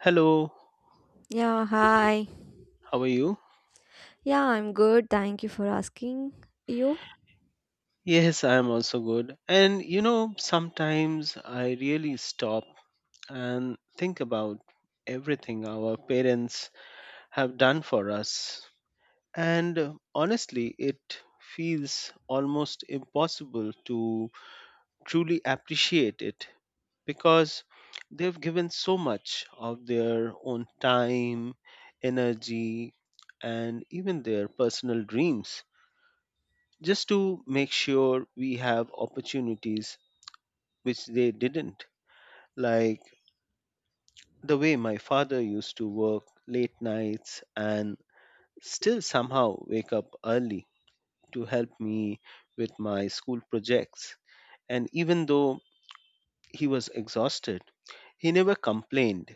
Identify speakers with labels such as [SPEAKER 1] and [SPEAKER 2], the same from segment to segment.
[SPEAKER 1] Hello,
[SPEAKER 2] Yeah, hi.
[SPEAKER 1] how are you?
[SPEAKER 2] Yeah, I'm good. Thank you for asking. You?
[SPEAKER 1] Yes, I am also good. And you know, sometimes I really stop and think about everything our parents have done for us. And Honestly, it feels almost impossible to truly appreciate it because they've given so much of their own time, energy, and even their personal dreams just to make sure we have opportunities which they didn't. Like the way my father used to work late nights and still somehow wake up early to help me with my school projects. And even though he was exhausted, he never complained.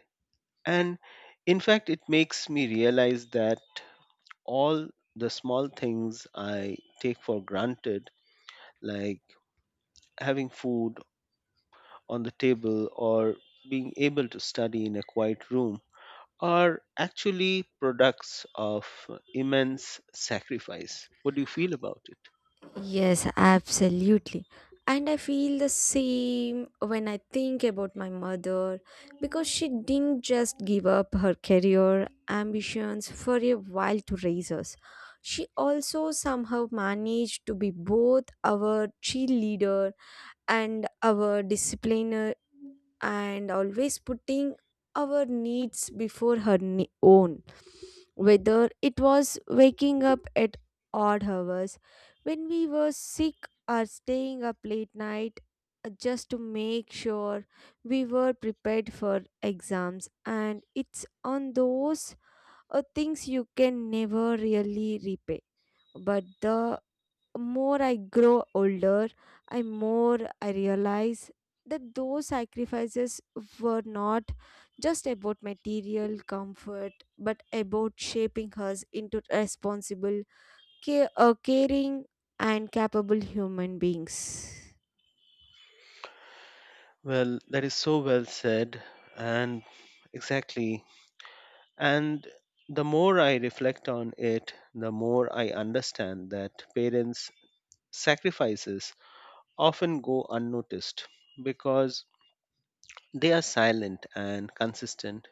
[SPEAKER 1] And in fact, it makes me realize that all the small things I take for granted, like having food on the table or being able to study in a quiet room are actually products of immense sacrifice. What do you feel about it?
[SPEAKER 2] Yes, absolutely. And I feel the same when I think about my mother because she didn't just give up her career ambitions for a while to raise us. She also somehow managed to be both our cheerleader and our discipliner and always putting our needs before her own. Whether it was waking up at odd hours when we were sick or staying up late night, just to make sure we were prepared for exams. And it's on those things you can never really repay. But the more I grow older, I more I realize that those sacrifices were not just about material comfort, but about shaping us into responsible, caring, and capable human beings.
[SPEAKER 1] Well, that is so well said, and exactly. And the more I reflect on it, the more I understand that parents' sacrifices often go unnoticed because they are silent and consistent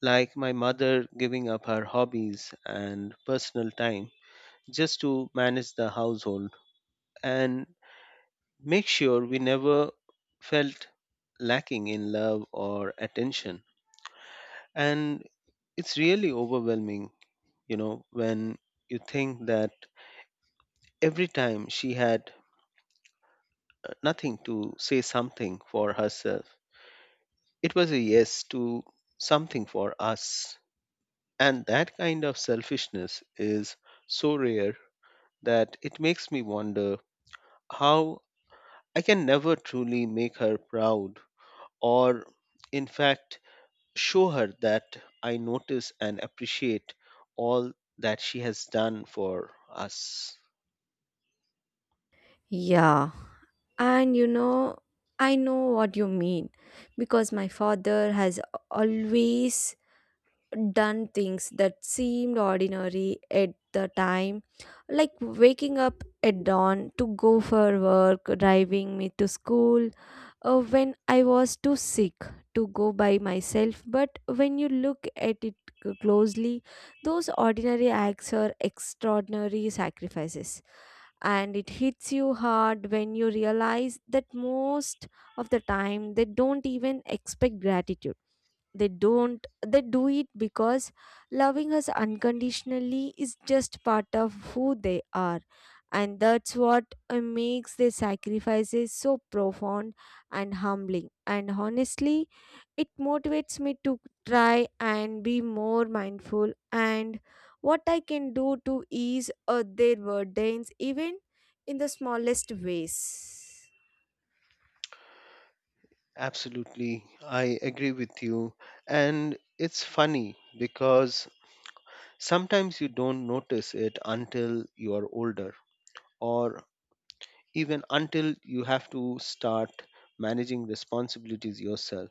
[SPEAKER 1] like my mother giving up her hobbies and personal time just to manage the household and make sure we never felt lacking in love or attention. And it's really overwhelming, you know, when you think that every time she had nothing to say something for herself, it was a yes to something for us. And that kind of selfishness is so rare that it makes me wonder how I can never truly make her proud or, in fact, show her that I notice and appreciate all that she has done for us.
[SPEAKER 2] Yeah, and you know, I know what you mean because my father has always done things that seemed ordinary at the time, like waking up at dawn to go for work, driving me to school, when I was too sick to go by myself. But when you look at it closely, those ordinary acts are extraordinary sacrifices. And it hits you hard when you realize that most of the time they don't even expect gratitude. They don't, They do it because loving us unconditionally is just part of who they are. And that's what makes their sacrifices so profound and humbling. And honestly, it motivates me to try and be more mindful and what I can do to ease their burdens, even in the smallest ways.
[SPEAKER 1] Absolutely, I agree with you. And it's funny because sometimes you don't notice it until you are older or even until you have to start managing responsibilities yourself.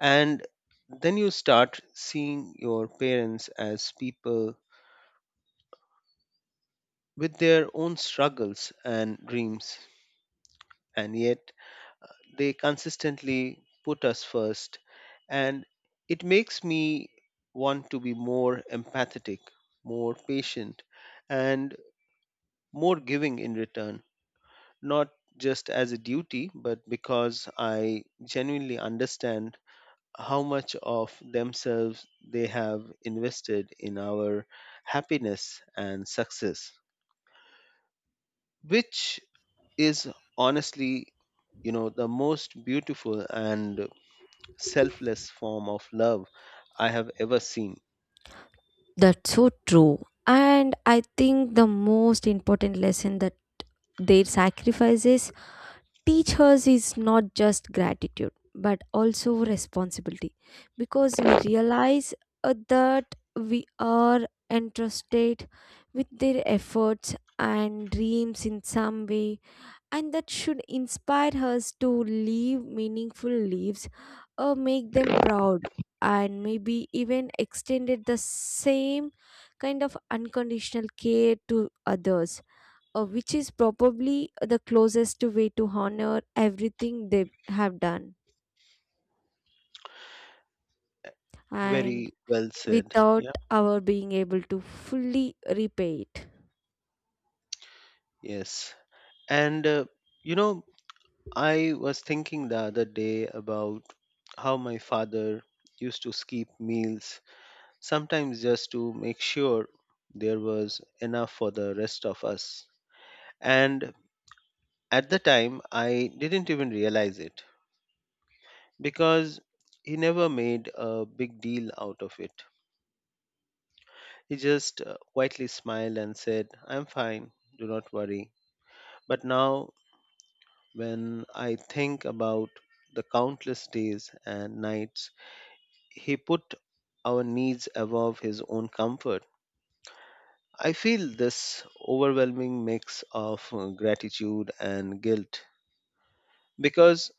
[SPEAKER 1] And then you start seeing your parents as people with their own struggles and dreams, and yet they consistently put us first. And it makes me want to be more empathetic, more patient, and more giving in return, not just as a duty, but because I genuinely understand how much of themselves they have invested in our happiness and success, which is honestly, you know, the most beautiful and selfless form of love I have ever seen.
[SPEAKER 2] That's so true. And I think the most important lesson that their sacrifices teach us is not just gratitude, but also responsibility. Because we realize that we are entrusted with their efforts and dreams in some way, and that should inspire us to live meaningful lives or make them proud and maybe even extended the same kind of unconditional care to others, which is probably the closest way to honor everything they have done, and
[SPEAKER 1] Very well said,
[SPEAKER 2] without
[SPEAKER 1] yeah.
[SPEAKER 2] our being able to fully repay it.
[SPEAKER 1] Yes, and you know, I was thinking the other day about how my father used to skip meals sometimes just to make sure there was enough for the rest of us. And at the time, I didn't even realize it because he never made a big deal out of it. He just quietly smiled and said, I'm fine, do not worry. But now, when I think about the countless days and nights he put our needs above his own comfort, I feel this overwhelming mix of gratitude and guilt because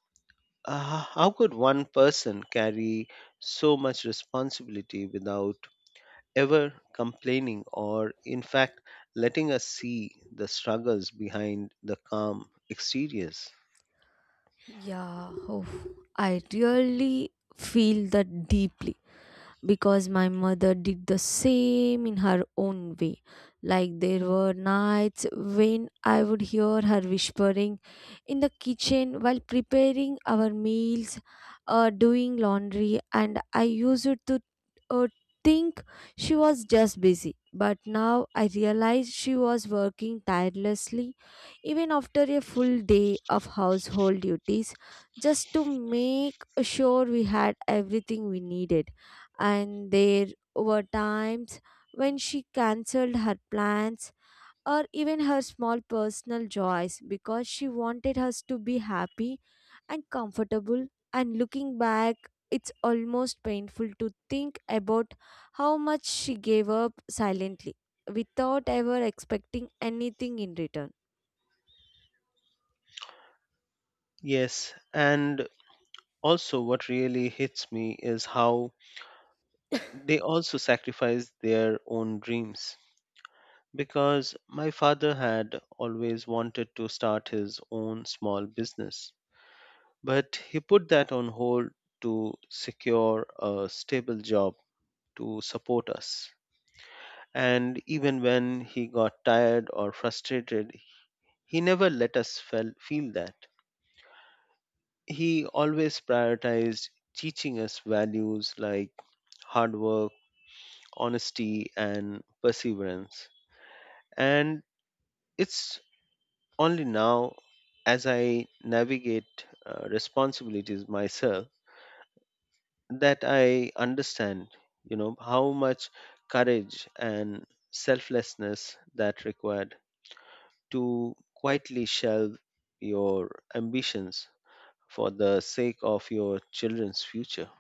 [SPEAKER 1] how could one person carry so much responsibility without ever complaining or, in fact, letting us see the struggles behind the calm exteriors?
[SPEAKER 2] Yeah, oh, I really feel that deeply, because my mother did the same in her own way. Like there were nights when I would hear her whispering in the kitchen while preparing our meals or doing laundry, and I used to, uh, think she was just busy. But now I realize she was working tirelessly even after a full day of household duties, just to make sure we had everything we needed. And there were times when she cancelled her plans or even her small personal joys because she wanted us to be happy and comfortable. And looking back, it's almost painful to think about how much she gave up silently without ever expecting anything in return.
[SPEAKER 1] Yes, and also what really hits me is how they also sacrifice their own dreams because my father had always wanted to start his own small business. But he put that on hold to secure a stable job to support us. And even when he got tired or frustrated, he never let us feel that. He always prioritized teaching us values like hard work, honesty, and perseverance. And it's only now, as I navigate responsibilities myself, that I understand, you know, how much courage and selflessness that required to quietly shelve your ambitions for the sake of your children's future.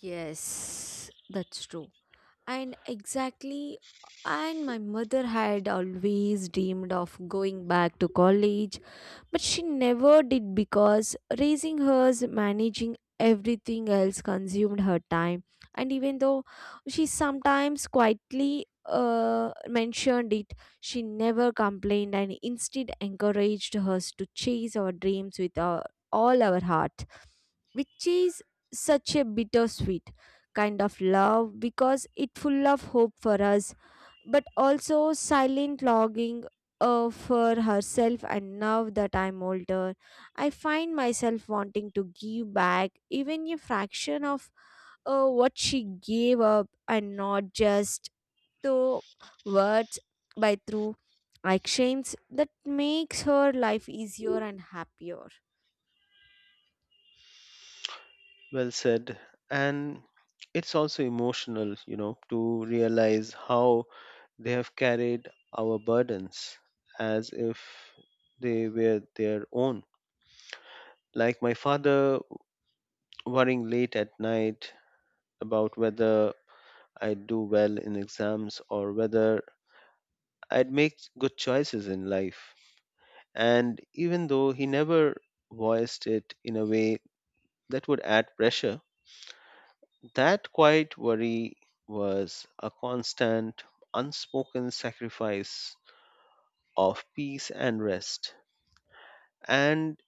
[SPEAKER 2] Yes, that's true. And exactly, and my mother had always dreamed of going back to college, but she never did because raising hers, managing everything else consumed her time. And even though she sometimes quietly mentioned it, she never complained and instead encouraged us to chase our dreams with all our heart, which is such a bittersweet kind of love because it full of hope for us, but also silent logging for herself. And now that I'm older, I find myself wanting to give back even a fraction of what she gave up, and not just through words, but through actions that makes her life easier and happier.
[SPEAKER 1] Well said. And it's also emotional, you know, to realize how they have carried our burdens as if they were their own. Like my father worrying late at night about whether I'd do well in exams or whether I'd make good choices in life. And even though he never voiced it in a way that would add pressure, that quiet worry was a constant, unspoken sacrifice of peace and rest. And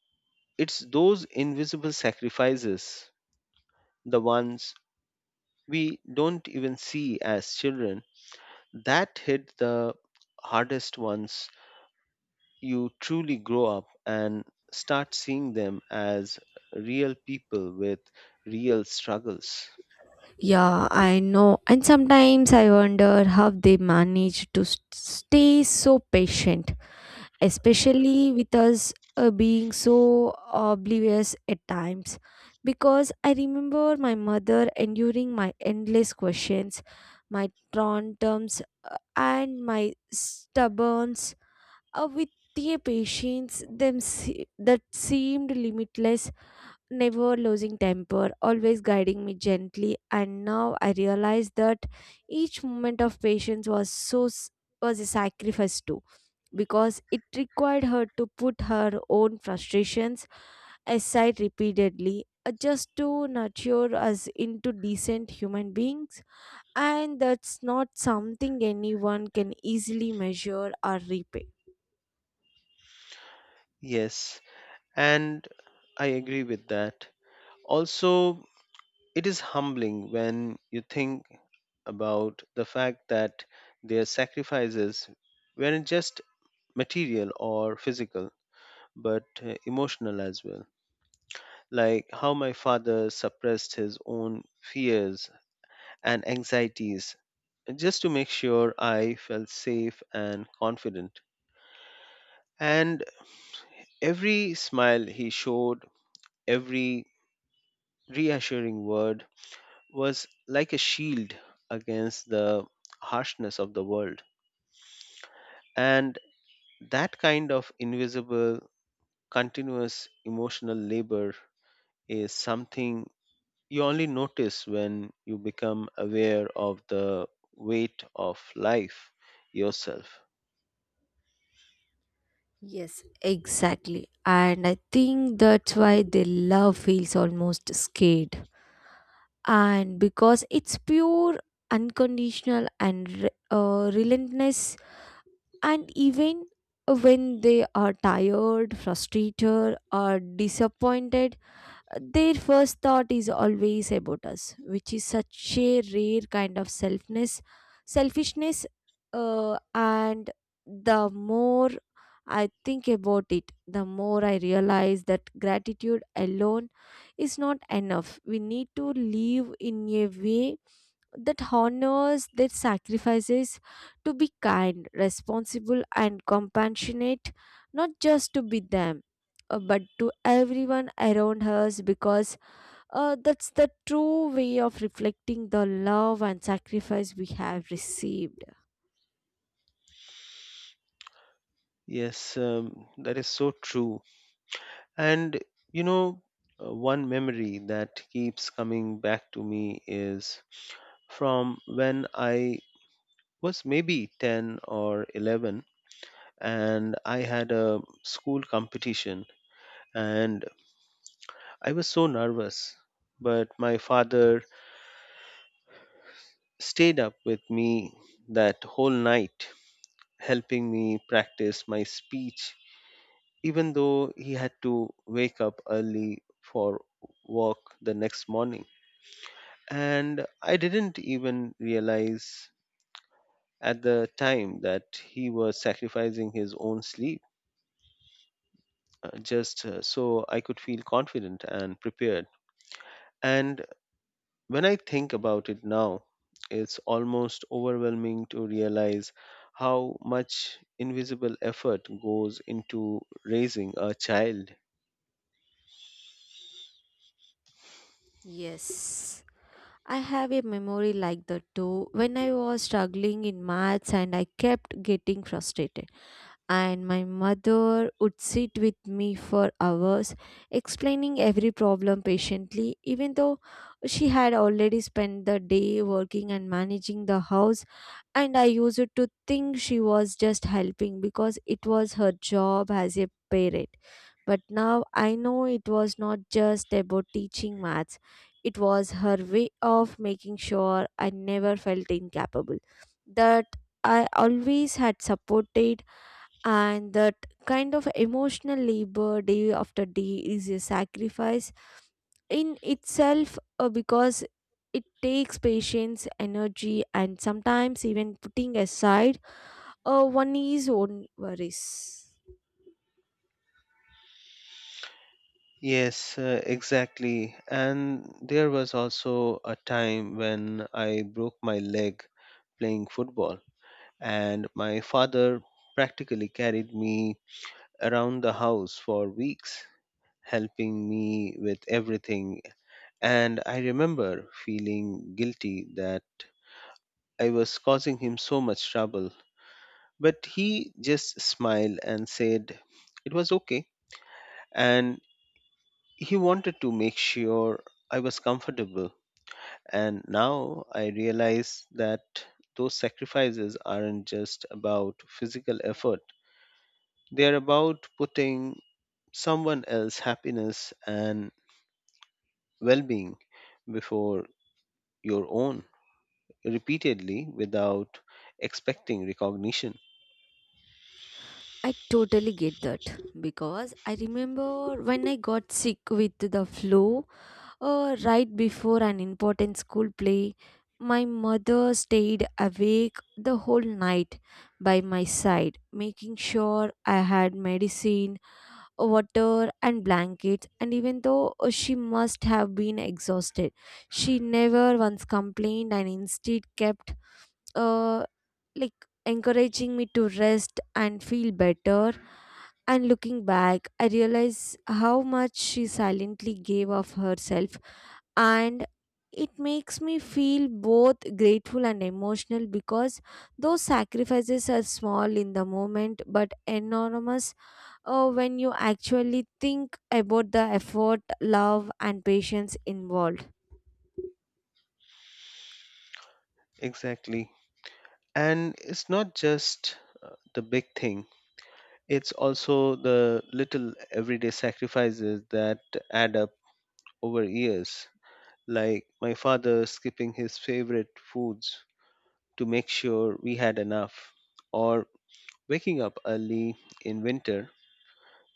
[SPEAKER 1] it's those invisible sacrifices, the ones we don't even see as children, that hit the hardest once you truly grow up and start seeing them as real people with real struggles.
[SPEAKER 2] Yeah, I know. And sometimes I wonder how they manage to stay so patient, especially with us being so oblivious at times, because I remember my mother enduring my endless questions, my tantrums, and my stubborns, with their patience them se- that seemed limitless, never losing temper, always guiding me gently. And now I realize that each moment of patience was was a sacrifice too, because it required her to put her own frustrations aside repeatedly, just to nurture us into decent human beings, and that's not something anyone can easily measure or repay.
[SPEAKER 1] Yes, and I agree with that. Also, it is humbling when you think about the fact that their sacrifices weren't just material or physical but emotional as well. Like how my father suppressed his own fears and anxieties just to make sure I felt safe and confident. And every smile he showed, every reassuring word was like a shield against the harshness of the world. And that kind of invisible, continuous emotional labor is something you only notice when you become aware of the weight of life yourself.
[SPEAKER 2] Yes, exactly. And I think that's why their love feels almost scared, and because it's pure, unconditional, and relentless. And even when they are tired, frustrated, or disappointed, their first thought is always about us, which is such a rare kind of selfishness. And the more I think about it, the more I realize that gratitude alone is not enough. We need to live in a way that honors their sacrifices, to be kind, responsible, and compassionate, not just to be them, but to everyone around us, because that's the true way of reflecting the love and sacrifice we have received.
[SPEAKER 1] Yes, that is so true. And you know, one memory that keeps coming back to me is from when I was maybe 10 or 11, and I had a school competition and I was so nervous. But my father stayed up with me that whole night helping me practice my speech, even though he had to wake up early for work the next morning. And I didn't even realize at the time that he was sacrificing his own sleep, just so I could feel confident and prepared. And when I think about it now, it's almost overwhelming to realize how much invisible effort goes into raising a child.
[SPEAKER 2] Yes. I have a memory like that too. When I was struggling in maths and I kept getting frustrated, and my mother would sit with me for hours explaining every problem patiently, even though she had already spent the day working and managing the house. And I used to think she was just helping because it was her job as a parent, but now I know it was not just about teaching maths, it was her way of making sure I never felt incapable, that I always had supported, and that kind of emotional labor day after day is a sacrifice in itself, because it takes patience, energy, and sometimes even putting aside one's own worries.
[SPEAKER 1] Yes, exactly. And there was also a time when I broke my leg playing football, and my father practically carried me around the house for weeks, helping me with everything. And I remember feeling guilty that I was causing him so much trouble. But he just smiled and said it was okay. And he wanted to make sure I was comfortable. And now I realize that those sacrifices aren't just about physical effort, they are about putting someone else's happiness and well being before your own repeatedly without expecting recognition.
[SPEAKER 2] I totally get that because I remember when I got sick with the flu right before an important school play, my mother stayed awake the whole night by my side, making sure I had medicine, water, and blankets. And even though, she must have been exhausted, she never once complained and instead kept, uh, like, encouraging me to rest and feel better. And looking back, I realize how much she silently gave of herself, and it makes me feel both grateful and emotional because those sacrifices are small in the moment but enormous, when you actually think about the effort, love, and patience involved.
[SPEAKER 1] Exactly. And it's not just the big thing, it's also the little everyday sacrifices that add up over years like my father skipping his favorite foods to make sure we had enough, or waking up early in winter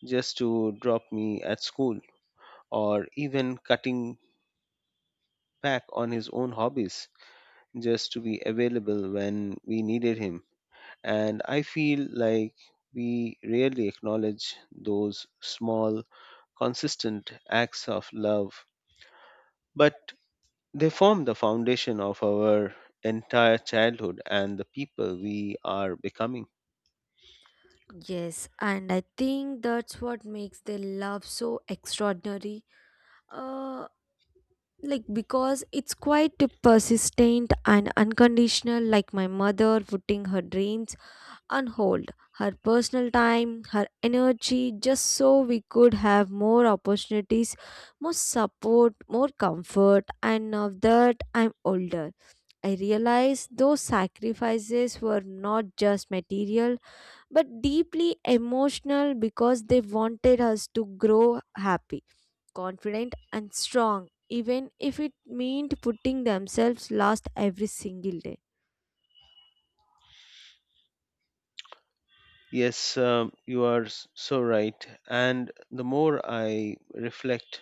[SPEAKER 1] just to drop me at school, or even cutting back on his own hobbies just to be available when we needed him. And I feel like we rarely acknowledge those small, consistent acts of love. But they form the foundation of our entire childhood and the people we are becoming.
[SPEAKER 2] Yes, and I think that's what makes their love so extraordinary. Uh, like, because it's quite persistent and unconditional, like my mother putting her dreams on hold, her personal time, her energy, just so we could have more opportunities, more support, more comfort. And now that I'm older, I realize those sacrifices were not just material, but deeply emotional, because they wanted us to grow happy, confident, and strong, even if it meant putting themselves last every single day.
[SPEAKER 1] Yes, you are so right. And the more I reflect,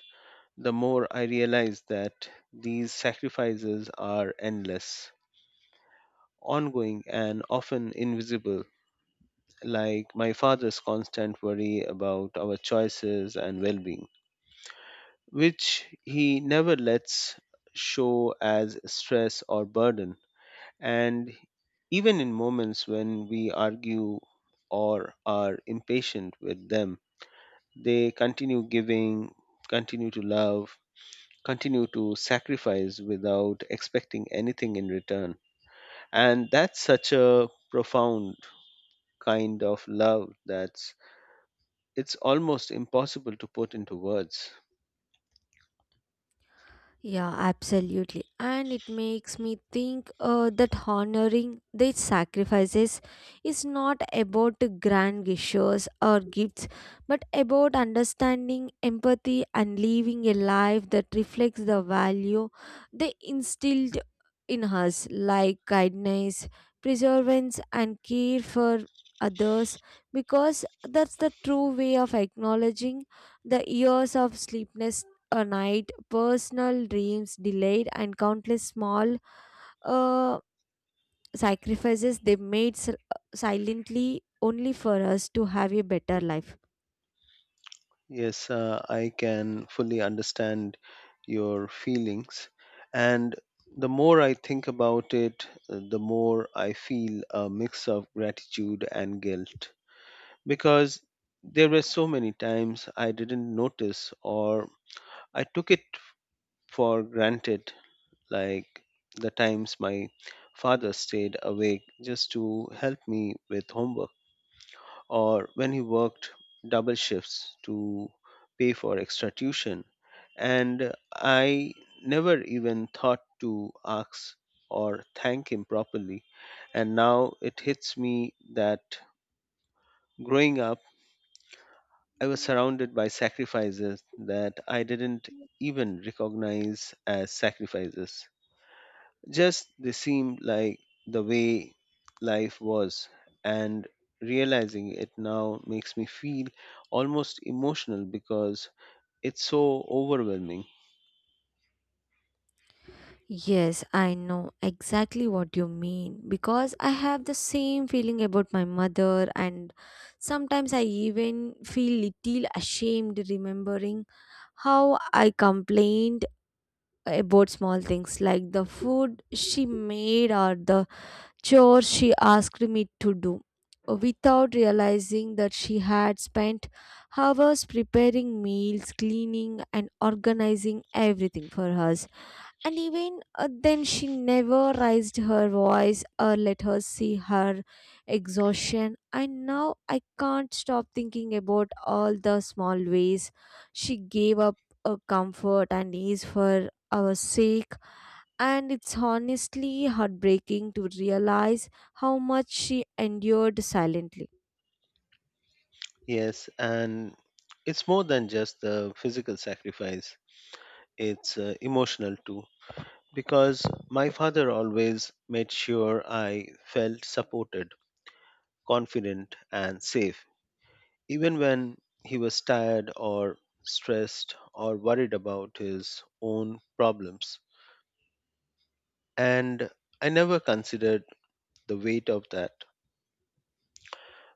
[SPEAKER 1] the more I realize that these sacrifices are endless, ongoing, and often invisible, like my father's constant worry about our choices and well being, which he never lets show as stress or burden. And even in moments when we argue or are impatient with them, they continue giving, continue to love, continue to sacrifice without expecting anything in return. And that's such a profound kind of love that's it's almost impossible to put into words.
[SPEAKER 2] Yeah, absolutely. And it makes me think, that honoring these sacrifices is not about grand gestures or gifts, but about understanding, empathy, and living a life that reflects the value they instilled in us, like kindness, perseverance, and care for others, because that's the true way of acknowledging the years of sleepless a night, personal dreams delayed, and countless small, uh, sacrifices they made silently only for us to have a better life.
[SPEAKER 1] Yes, I can fully understand your feelings. And the more I think about it, the more I feel a mix of gratitude and guilt. Because there were so many times I didn't notice or I took it for granted, like the times my father stayed awake just to help me with homework or when he worked double shifts to pay for extra tuition. And I never even thought to ask or thank him properly. And now it hits me that growing up, I was surrounded by sacrifices that I didn't even recognize as sacrifices. Just they seemed like the way life was, and realizing it now makes me feel almost emotional because it's so overwhelming.
[SPEAKER 2] Yes, I know exactly what you mean because I have the same feeling about my mother, and sometimes I even feel little ashamed remembering how I complained about small things like the food she made or the chores she asked me to do without realizing that she had spent hours preparing meals, cleaning, and organizing everything for us. And even, then she never raised her voice or let her see her exhaustion. And now I can't stop thinking about all the small ways she gave up a comfort and ease for our sake, and it's honestly heartbreaking to realize how much she endured silently.
[SPEAKER 1] Yes, and it's more than just the physical sacrifice, it's emotional too. Because my father always made sure I felt supported, confident, and safe, even when he was tired or stressed or worried about his own problems. And I never considered the weight of that.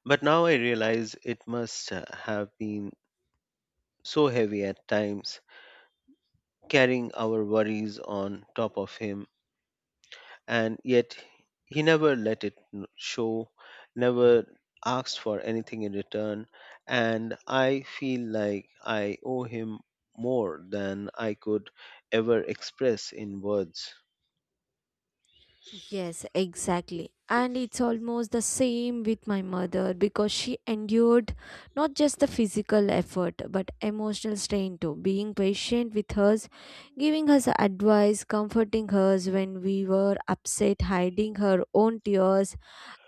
[SPEAKER 1] But now I realize it must have been so heavy at times, carrying our worries on top of him and yet he never let it show, never asked for anything in return, and I feel like I owe him more than I could ever express in words.
[SPEAKER 2] Yes, exactly. And it's almost the same with my mother because she endured not just the physical effort but emotional strain too. Being patient with us, giving us advice, comforting us when we were upset, hiding her own tears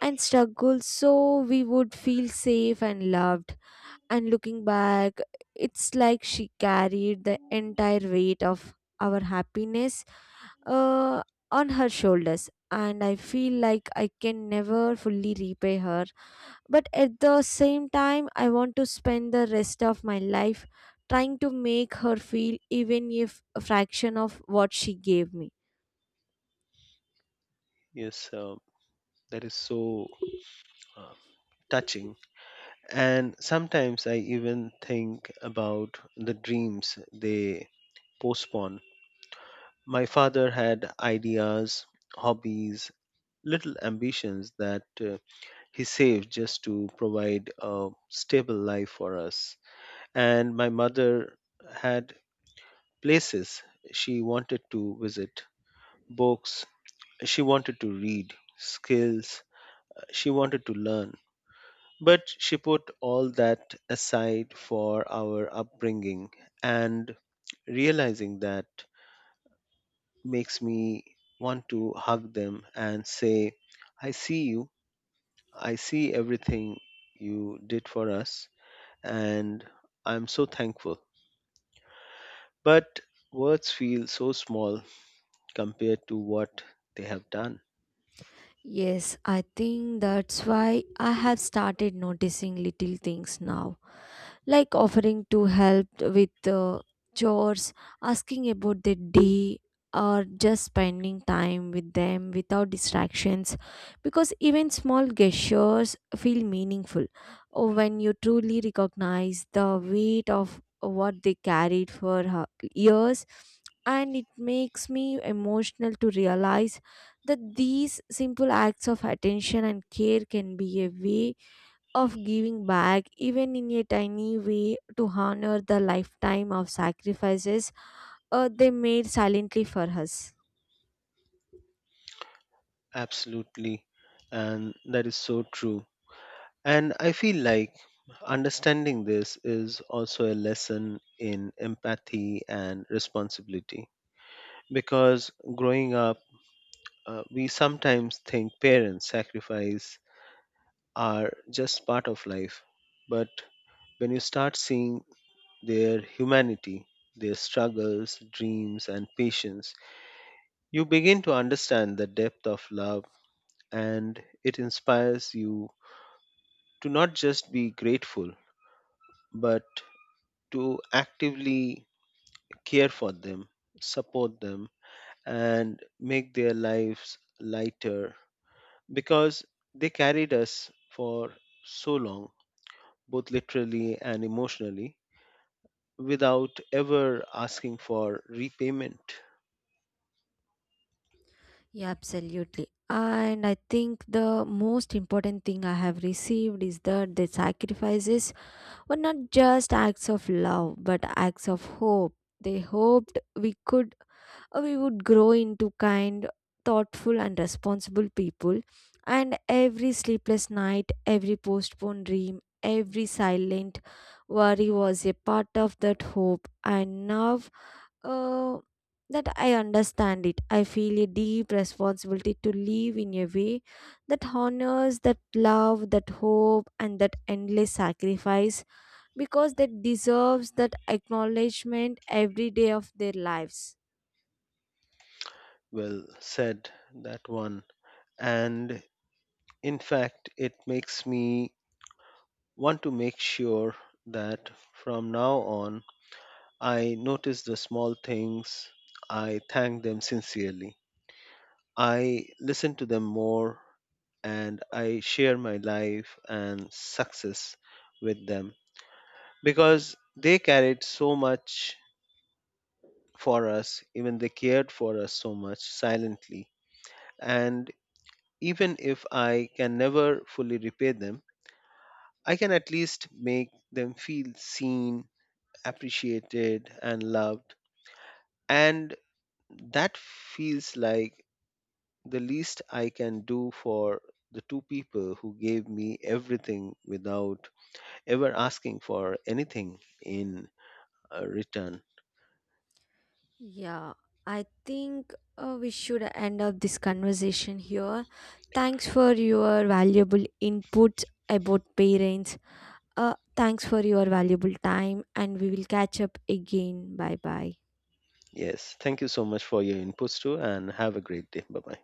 [SPEAKER 2] and struggles so we would feel safe and loved. And looking back, it's like she carried the entire weight of our happiness, uh, on her shoulders. And I feel like I can never fully repay her, but at the same time I want to spend the rest of my life trying to make her feel even if a fraction of what she gave me.
[SPEAKER 1] Yes, that is so uh, touching. And sometimes I even think about the dreams they postpone. My father had ideas, hobbies, little ambitions that he saved just to provide a stable life for us. And my mother had places she wanted to visit, books she wanted to read, skills she wanted to learn. But she put all that aside for our upbringing, and realizing that makes me want to hug them and say, I see you, I see everything you did for us, and I'm so thankful. But words feel so small compared to what they have done.
[SPEAKER 2] Yes, I think that's why I have started noticing little things now, like offering to help with, chores, asking about their day, or just spending time with them without distractions. Because even small gestures feel meaningful, when you truly recognize the weight of what they carried for her years. And it makes me emotional to realize that these simple acts of attention and care can be a way of giving back, even in a tiny way, to honor the lifetime of sacrifices they made silently for us.
[SPEAKER 1] Absolutely. And that is so true. And I feel like understanding this is also a lesson in empathy and responsibility. Because growing up, we sometimes think parents' sacrifice are just part of life. But when you start seeing their humanity, their struggles, dreams, and patience, you begin to understand the depth of love and it inspires you to not just be grateful, but to actively care for them, support them, and make their lives lighter because they carried us for so long, both literally and emotionally, without ever asking for repayment.
[SPEAKER 2] Yeah, absolutely. And I think the most important thing I have received is that the sacrifices were not just acts of love, but acts of hope. They hoped we would grow into kind, thoughtful, and responsible people. And every sleepless night, every postponed dream, every silent worry was a part of that hope. And now, uh, that I understand it, I feel a deep responsibility to live in a way that honors that love, that hope, and that endless sacrifice, because that deserves that acknowledgement every day of their lives.
[SPEAKER 1] Well said, that one. And in fact, it makes me want to make sure that from now on, I notice the small things, I thank them sincerely, I listen to them more, and I share my life and success with them because they carried so much for us, even they cared for us so much silently. And even if I can never fully repay them, I can at least make them feel seen, appreciated, and loved. And that feels like the least I can do for the two people who gave me everything without ever asking for anything in return.
[SPEAKER 2] Yeah, I think we should end up this conversation here. Thanks for your valuable input about parents. Thanks for your valuable time, and we will catch up again. Bye bye.
[SPEAKER 1] Yes, thank you so much for your inputs too, and have a great day. Bye bye.